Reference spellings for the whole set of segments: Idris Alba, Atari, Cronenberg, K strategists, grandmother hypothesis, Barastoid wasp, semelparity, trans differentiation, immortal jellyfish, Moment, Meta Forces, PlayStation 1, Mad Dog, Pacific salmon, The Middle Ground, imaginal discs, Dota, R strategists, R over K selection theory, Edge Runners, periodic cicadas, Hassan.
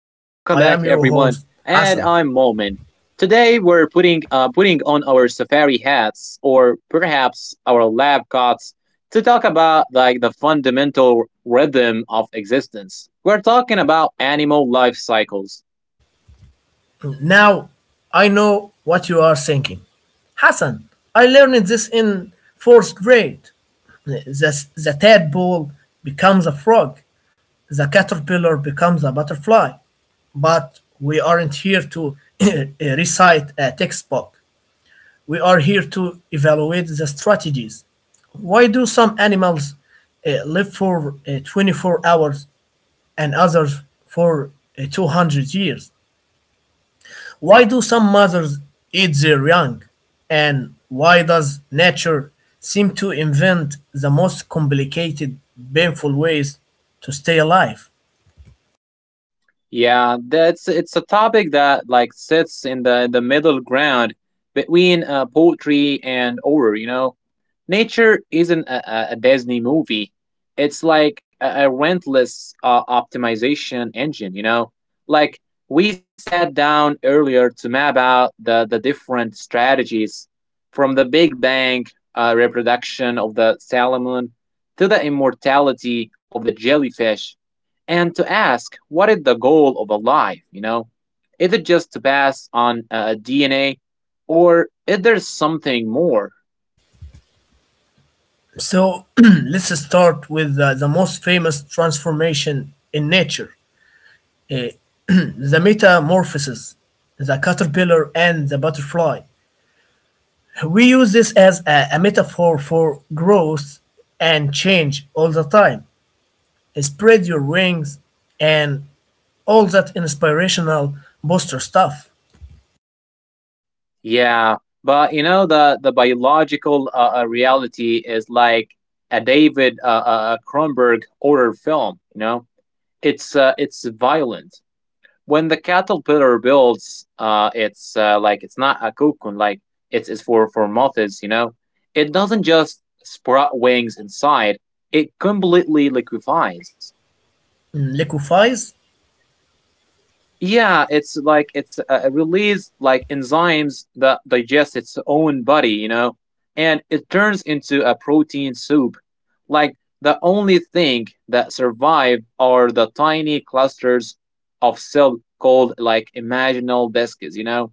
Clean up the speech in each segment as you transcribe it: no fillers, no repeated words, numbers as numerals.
Momin. Today we're putting on our safari hats, or perhaps our lab coats, to talk about like the fundamental rhythm of existence. We're talking about animal life cycles. Now, I know what you are thinking. Hassan, I learned this in fourth grade. The tadpole becomes a frog, the caterpillar becomes a butterfly. But we aren't here to recite a textbook. We are here to evaluate the strategies. Why do some animals live for 24 hours and others for 200 years? Why do some mothers eat their young? And why does nature seem to invent the most complicated, painful ways to stay alive? Yeah, that's it's a topic that like sits in the middle ground between poetry and horror, you know. Nature isn't a Disney movie. It's like a relentless optimization engine, you know? Like, we sat down earlier to map out the different strategies, from the Big Bang reproduction of the salmon to the immortality of the jellyfish, and to ask what is the goal of a life, you know? Is it just to pass on DNA, or is there something more? So let's start with the most famous transformation in nature, uh, the metamorphosis, the caterpillar, and the butterfly. We use this as a metaphor for growth and change all the time. Spread your wings, and all that inspirational booster stuff. Yeah, but you know the biological reality is like a David Cronenberg horror film. You know, it's violent. When the caterpillar builds, it's like it's not a cocoon. Like it's for moths. You know, it doesn't just sprout wings inside. It completely liquefies. Liquefies. Yeah, it release like enzymes that digest its own body, you know, and it turns into a protein soup. Like the only thing that survive are the tiny clusters of cell called like imaginal discs, you know.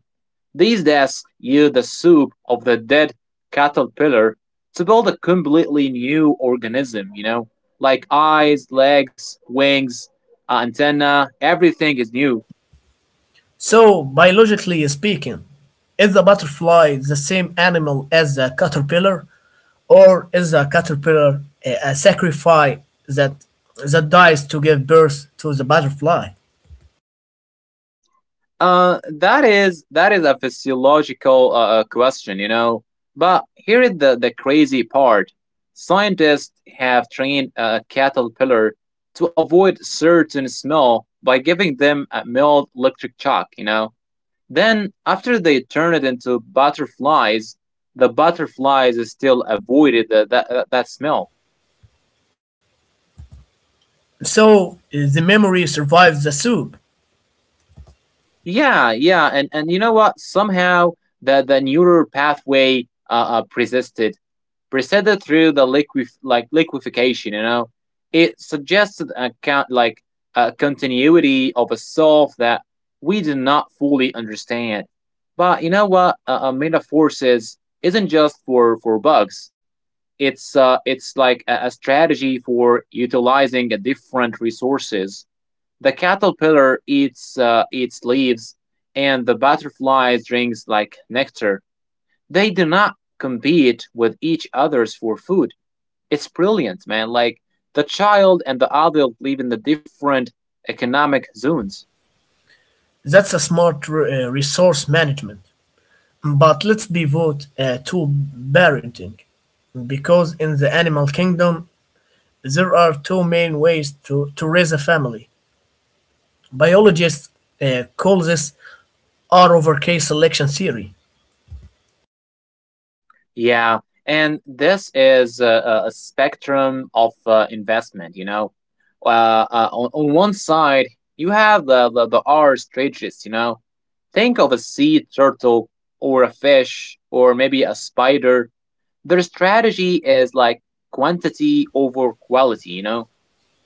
These discs use the soup of the dead caterpillar to build a completely new organism, you know, like eyes, legs, wings, antenna, everything is new. So, biologically speaking, is the butterfly the same animal as the caterpillar, or is the caterpillar a sacrifice that dies to give birth to the butterfly? That is a physiological question, you know. But here is the crazy part. Scientists have trained a caterpillar to avoid certain smell by giving them a mild electric shock, you know. Then after they turn it into butterflies, the butterflies still avoided that smell. So the memory survives the soup. Yeah, yeah, and you know what? Somehow the neural pathway persisted presented through the liquefaction. You know, it suggested a count like a continuity of a self that we do not fully understand. But you know what? Meta Forces isn't just for bugs. It's like a strategy for utilizing different resources. The caterpillar eats leaves, and the butterfly drinks like nectar. They do not compete with each others for food. It's brilliant, man. Like the child and the adult live in the different economic zones. That's a smart resource management. But let's pivot to parenting, because in the animal kingdom, there are two main ways to raise a family. Biologists call this R over K selection theory. Yeah, and this is a spectrum of investment. You know, uh, on one side you have the R strategists. You know, think of a sea turtle, or a fish, or maybe a spider. Their strategy is like quantity over quality, you know.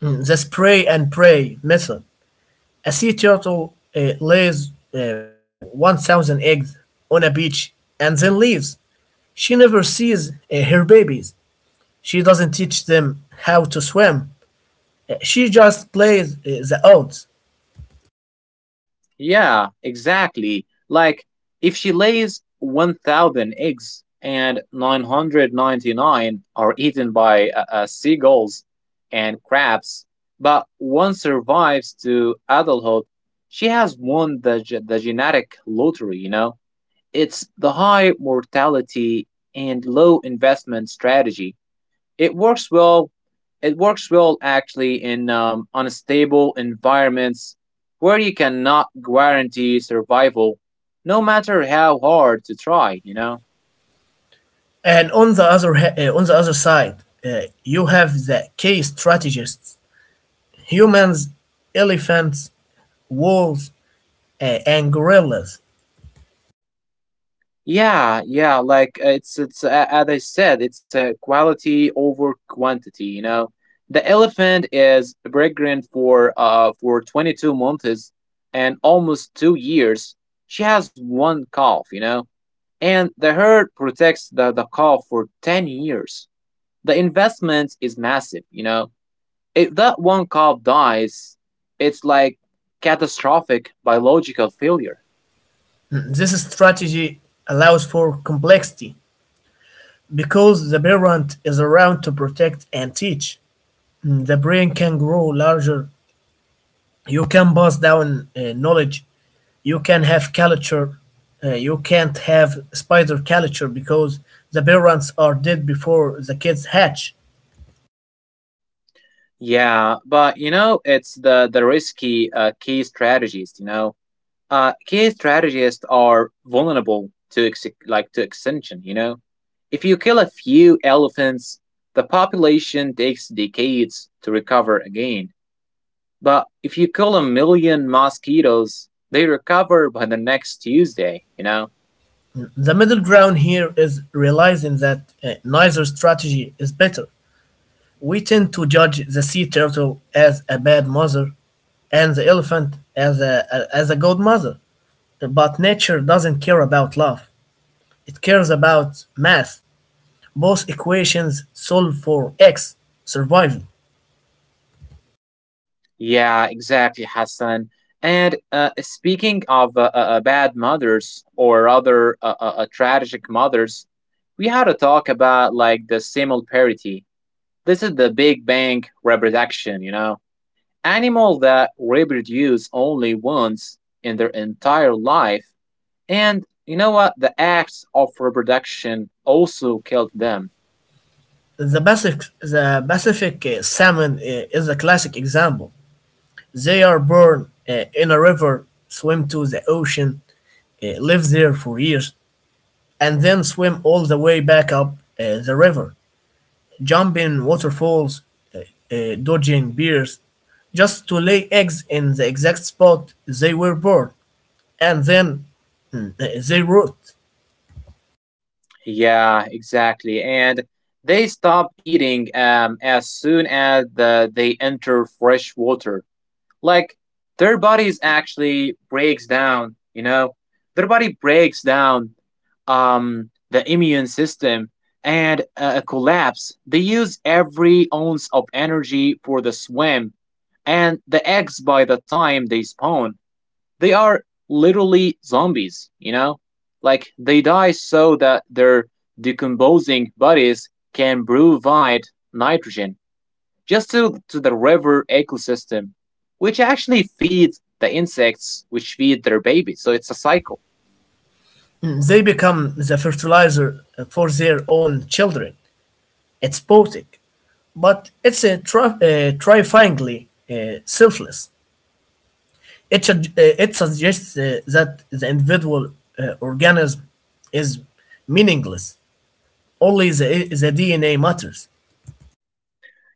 The spray and pray method. A sea turtle lays 1,000 eggs on a beach and then leaves. She never sees her babies. She doesn't teach them how to swim. She just plays the odds. Yeah, exactly. Like, if she lays 1,000 eggs and 999 are eaten by seagulls and crabs, but one survives to adulthood, she has won the genetic lottery, you know? It's the high mortality and low investment strategy. It works well. It works well actually in unstable environments where you cannot guarantee survival, no matter how hard to try, you know. And on the on the other side, you have the key strategists: humans, elephants, wolves, uh, and gorillas. Yeah, yeah. Like it's as I said, it's a quality over quantity, you know. The elephant is pregnant for 22 months, and almost 2 years. She has one calf, you know, and the herd protects the calf for 10 years. The investment is massive, you know. If that one calf dies, it's like catastrophic biological failure. This strategy allows for complexity because the parent is around to protect and teach. The brain can grow larger. You can pass down knowledge. You can have culture. You can't have spider culture because the parents are dead before the kids hatch. Yeah, but you know, it's the risky key strategists. You know, key strategists are vulnerable to extinction. You know, if you kill a few elephants, the population takes decades to recover again. But if you kill a million mosquitoes, they recover by the next Tuesday, you know. The middle ground here is realizing that neither strategy is better. We tend to judge the sea turtle as a bad mother and the elephant as a good mother. But nature doesn't care about love, it cares about math. Both equations solve for x, survival. Yeah, exactly, Hassan. And speaking of bad mothers, or other tragic mothers, we had to talk about like the simul parity. This is the Big Bang reproduction, you know, animal that reproduce only once in their entire life. And you know what? The acts of reproduction also killed them. The Pacific salmon is a classic example. They are born in a river, swim to the ocean, live there for years, and then swim all the way back up the river, jumping waterfalls, uh, dodging bears, just to lay eggs in the exact spot they were born, and then they root. Yeah, exactly. And they stop eating as soon as they enter fresh water. Like their bodies actually breaks down, you know? Their body breaks down, the immune system, and collapse. They use every ounce of energy for the swim, and the eggs. By the time they spawn, they are literally zombies, you know? Like they die so that their decomposing bodies can provide nitrogen just to the river ecosystem, which actually feeds the insects which feed their babies. So it's a cycle. They become the fertilizer for their own children. It's poetic, but it's a terrifyingly selfless. It suggests that the individual organism is meaningless. Only the DNA matters.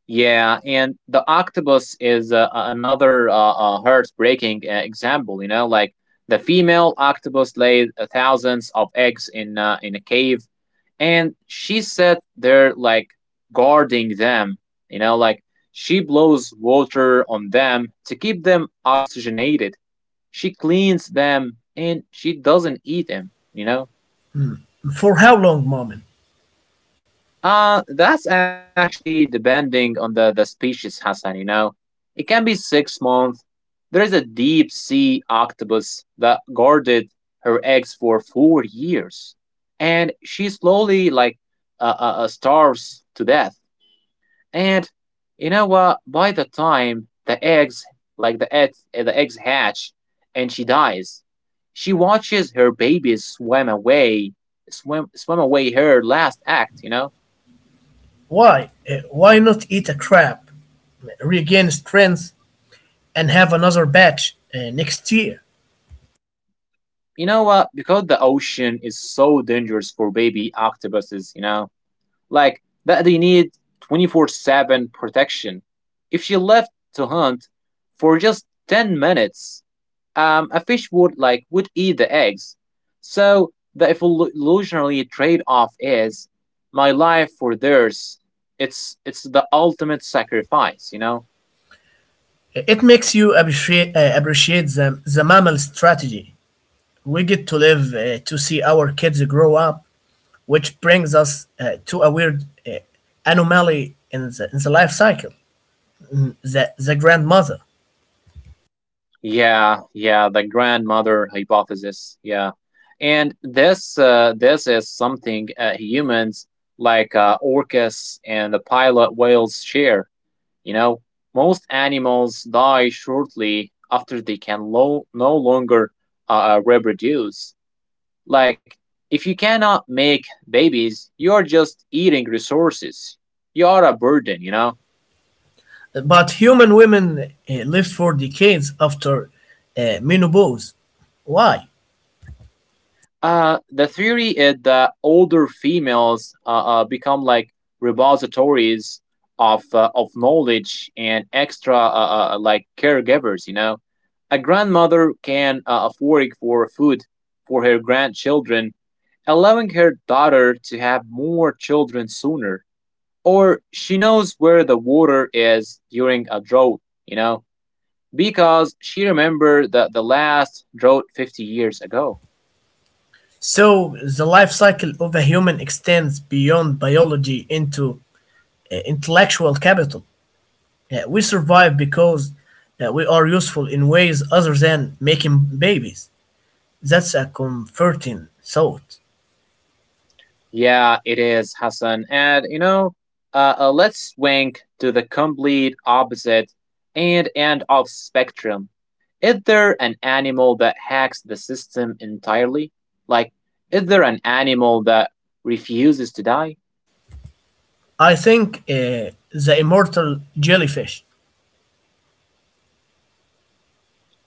Yeah, and the octopus is another heartbreaking example. You know, like the female octopus lays thousands of eggs in a cave, and she said they're like guarding them, you know. Like she blows water on them to keep them oxygenated, she cleans them, and she doesn't eat them, you know. For how long, Mom? That's actually depending on the species, Hassan, you know. It can be 6 months. There is a deep sea octopus that guarded her eggs for 4 years, and she slowly like starves to death. And you know what? By the time the eggs, like the eggs hatch, and she dies, she watches her babies swim away, swim away her last act, you know. Why? Why not eat a crab, regain strength, and have another batch next year? You know what? Because the ocean is so dangerous for baby octopuses, you know. Like that they need 24/7 protection. If she left to hunt for just 10 minutes, a fish would would eat the eggs. So the evolutionary trade-off is my life for theirs. It's the ultimate sacrifice, you know. It makes you appreciate the mammal strategy. We get to live to see our kids grow up, which brings us to a weird anomaly in the life cycle, the grandmother. Yeah, yeah, the grandmother hypothesis. Yeah, and this is something humans like orcas and the pilot whales share. You know, most animals die shortly after they can no longer uh, reproduce. Like, if you cannot make babies, you're just eating resources. You're a burden, you know? But human women lived for decades after menopause. Why? The theory is that older females become like repositories of knowledge and extra like caregivers, you know? A grandmother can work for food for her grandchildren, allowing her daughter to have more children sooner. Or she knows where the water is during a drought, you know, because she remembered the last drought 50 years ago. So the life cycle of a human extends beyond biology into intellectual capital. We survive because we are useful in ways other than making babies. That's a comforting thought. Yeah, it is, Hassan. And you know, let's swing to the complete opposite and end of spectrum. Is there an animal that hacks the system entirely? Like, is there an animal that refuses to die? I think the immortal jellyfish,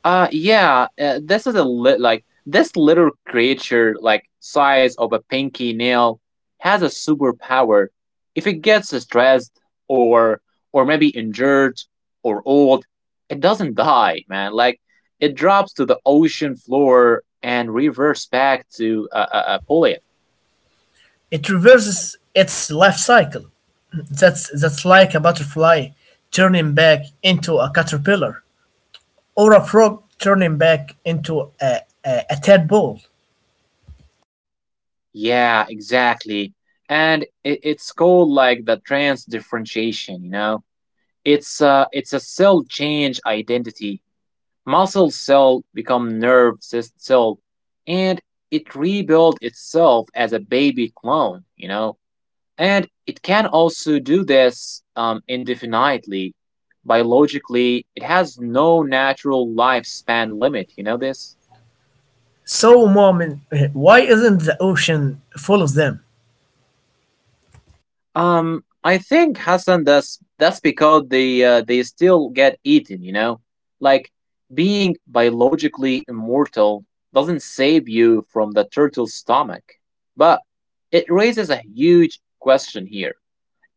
Yeah, this is a lit like this little creature, like size of a pinky nail, has a superpower. If it gets stressed, or or maybe injured, or old, it doesn't die, man. Like it drops to the ocean floor and reverts back to a polyp. it reverses its life cycle. That's like a butterfly turning back into a caterpillar, or a frog turning back into a tadpole. Yeah, exactly. And it's called like the trans differentiation, you know. It's a cell change identity. Muscle cell become nerve cell, and it rebuild itself as a baby clone, you know? And it can also do this indefinitely. Biologically, it has no natural lifespan limit, you know this? So, mom, why isn't the ocean full of them? I think, Hassan, that's because they still get eaten, you know. Like being biologically immortal doesn't save you from the turtle's stomach, but it raises a huge question here.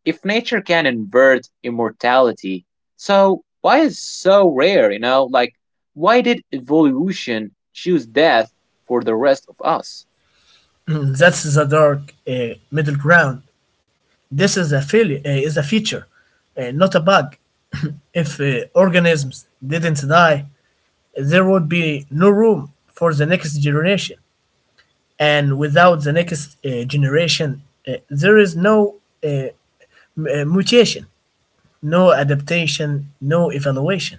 If nature can invert immortality, so why is so rare? You know, like why did evolution choose death for the rest of us? That's the dark middle ground. This is a failure, is a feature, not a bug. If organisms didn't die, there would be no room for the next generation. And without the next generation, there is no uh, mutation, no adaptation, no evaluation.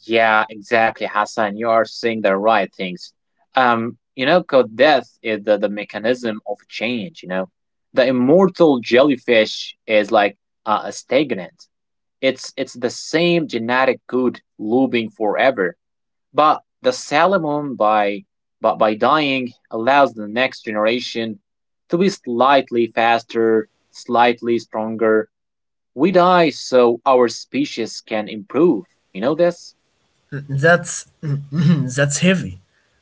Yeah, exactly, Hassan. You are saying the right things. You know, code death is the mechanism of change, you know. The immortal jellyfish is like a stagnant. It's the same genetic code looping forever. But the salmon by but by dying allows the next generation to be slightly faster, slightly stronger. We die so our species can improve, you know this? That's that's heavy,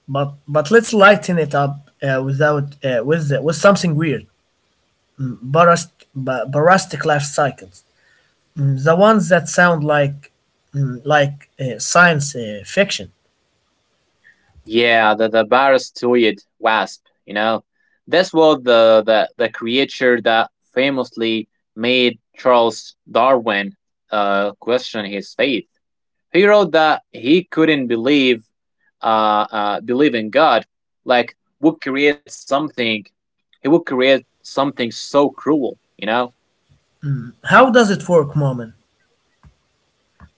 but let's lighten it up without with with something weird. Mm, Barast, barastic life cycles, the ones that sound like like science fiction. Yeah, the Barastoid wasp. You know, this was the creature that famously made Charles Darwin question his faith. He wrote that he couldn't believe in God, like would create something. He would create something so cruel, you know. How does it work, Moment?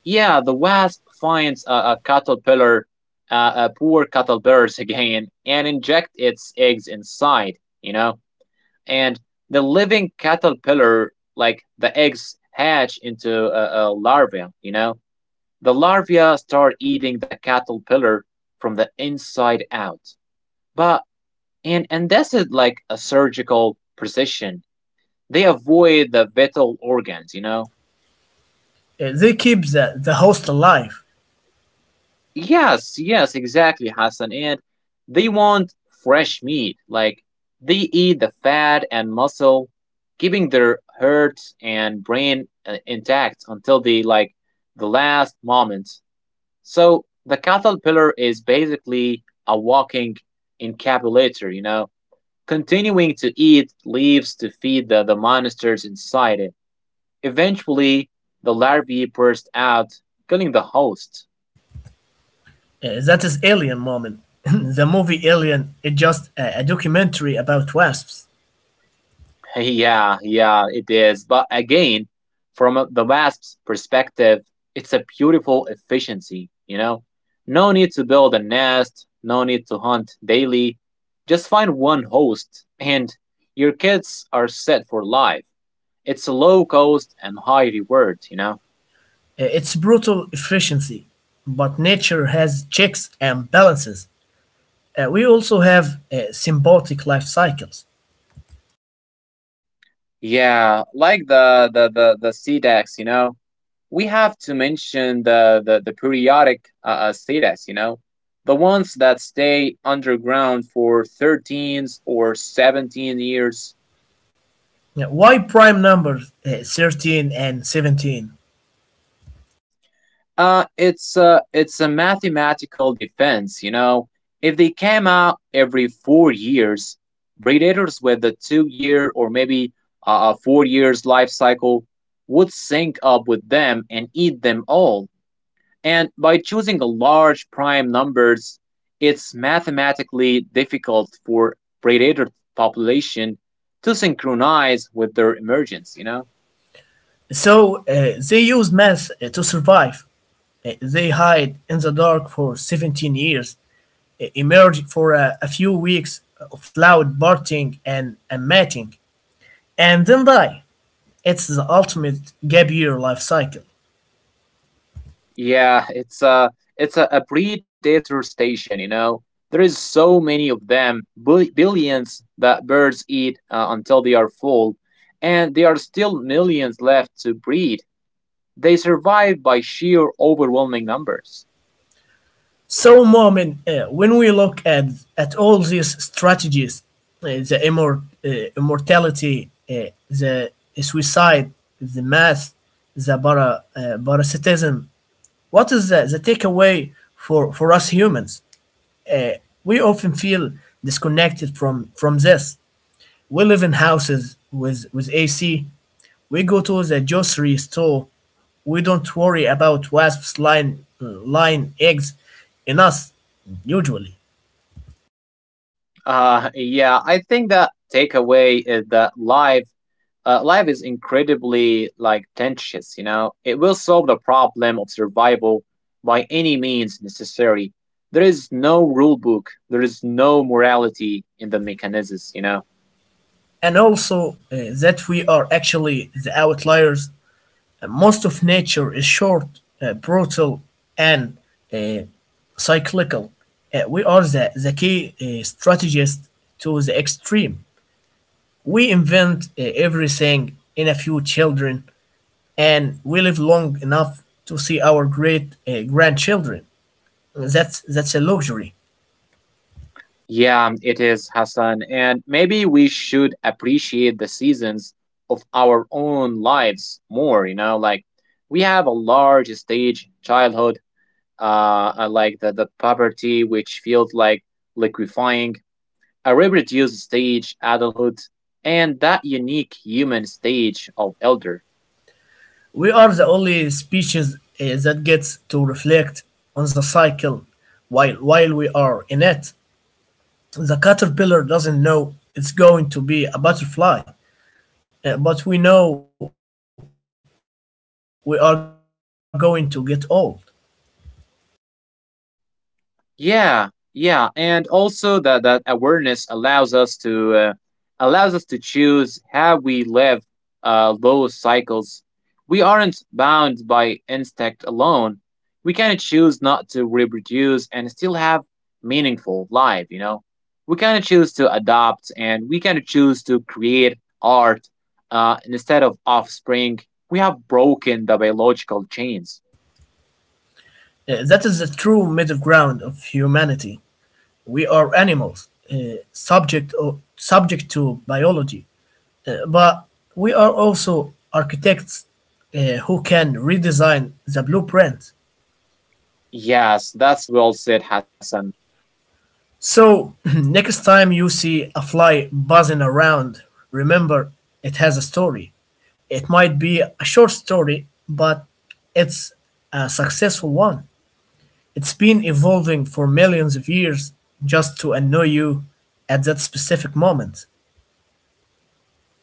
Yeah, the wasp finds a caterpillar, a poor caterpillar again, and inject its eggs inside, you know. And the living caterpillar, like hatch into a larva, you know. The larvae start eating the caterpillar from the inside out. But and this is like a surgical precision. They avoid the vital organs, you know. They keep the host alive. Yes, yes, exactly, Hassan. And they want fresh meat. Like they eat the fat and muscle, keeping their heart and brain intact until the last moment. So the caterpillar is basically a walking encapsulator, you know, continuing to eat leaves to feed the monsters inside it. Eventually, the larvae burst out, killing the host. That is Alien, Moment. The movie Alien is just a documentary about wasps. Yeah, yeah, it is. But again, the Wasp's perspective, it's a beautiful efficiency, you know? No need to build a nest, no need to hunt daily. Just find one host, and your kids are set for life. It's low cost and high reward, you know? It's brutal efficiency, but nature has checks and balances. We also have symbiotic life cycles. Yeah, like the sea decks, you know? We have to mention the periodic cetas, you know, the ones that stay underground for 13 or 17 years. Now, why prime numbers 13 and 17? It's a mathematical defense, you know. If they came out every 4 years, predators with a two-year, or maybe a 4 years life cycle, would sync up with them and eat them all. And by choosing large prime numbers, it's mathematically difficult for predator population to synchronize with their emergence, you know? So they use math to survive. They hide in the dark for 17 years, emerge for a few weeks of loud barting and mating, and then die. It's the ultimate gap year life cycle. Yeah, it's a predator station, you know. There is so many of them, billions, that birds eat until they are full, and there are still millions left to breed. They survive by sheer overwhelming numbers. So, Mohammed, when we look at all these strategies, immortality, the suicide, the mass, parasitism, what is the takeaway for us humans? Uh, we often feel disconnected from this. We live in houses with AC, we go to the grocery store, we don't worry about wasps lying eggs in us usually. Yeah, I think the takeaway is that life is incredibly like tenacious, you know. It will solve the problem of survival by any means necessary. There is no rule book. There is no morality in the mechanisms, you know. And also that we are actually the outliers. Most of nature is short, brutal, and uh, cyclical. We are the key strategist to the extreme. We invent everything in a few children, and we live long enough to see our great grandchildren. That's a luxury. Yeah, it is, Hassan, and maybe we should appreciate the seasons of our own lives more, you know. Like we have a large stage childhood, I like the puberty, which feels like liquefying, a reproduced stage adulthood, and that unique human stage of elder. We are the only species eh, that gets to reflect on the cycle while we are in it. The caterpillar doesn't know it's going to be a butterfly, eh, but we know we are going to get old. Yeah, yeah, and also that that awareness allows us to choose how we live those cycles. We aren't bound by instinct alone. We kind of choose not to reproduce and still have meaningful life, you know. We kind of choose to adopt, and we kind of choose to create art instead of offspring. We have broken the biological chains. Eh, that is the true middle ground of humanity. We are animals, eh, subject to biology, eh, but we are also architects eh, who can redesign the blueprint. Yes, that's well said, Hassan. So, next time you see a fly buzzing around, remember it has a story. It might be a short story, but it's a successful one. It's been evolving for millions of years just to annoy you at that specific moment.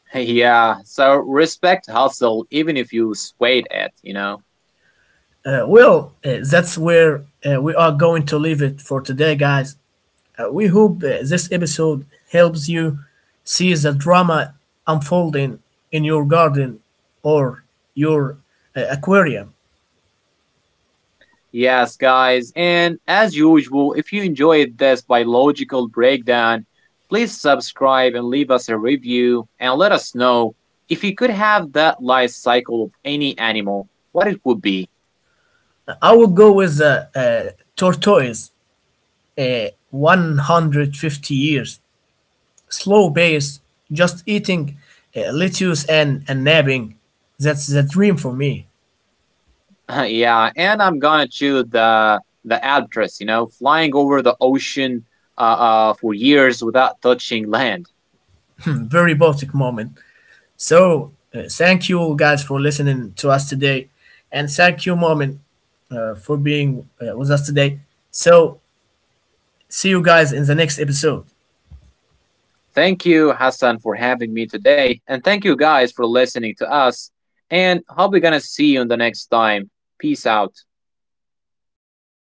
Yeah, so respect hustle even if you sweat it, you know? Well, that's where we are going to leave it for today, guys. We hope this episode helps you see the drama unfolding in your garden or your aquarium. Yes, guys, and as usual, if you enjoyed this biological breakdown, please subscribe and leave us a review, and let us know if you could have that life cycle of any animal, what it would be. I will go with the tortoise, 150 years, slow pace, just eating lettuce and napping. That's the dream for me. Yeah, and I'm gonna choose the albatross. You know, flying over the ocean for years without touching land. Very Baltic moment. So, thank you guys for listening to us today. And thank you, Moment, for being with us today. So, see you guys in the next episode. Thank you, Hassan, for having me today, and thank you guys for listening to us. And hope we're gonna see you in the next time. Peace out.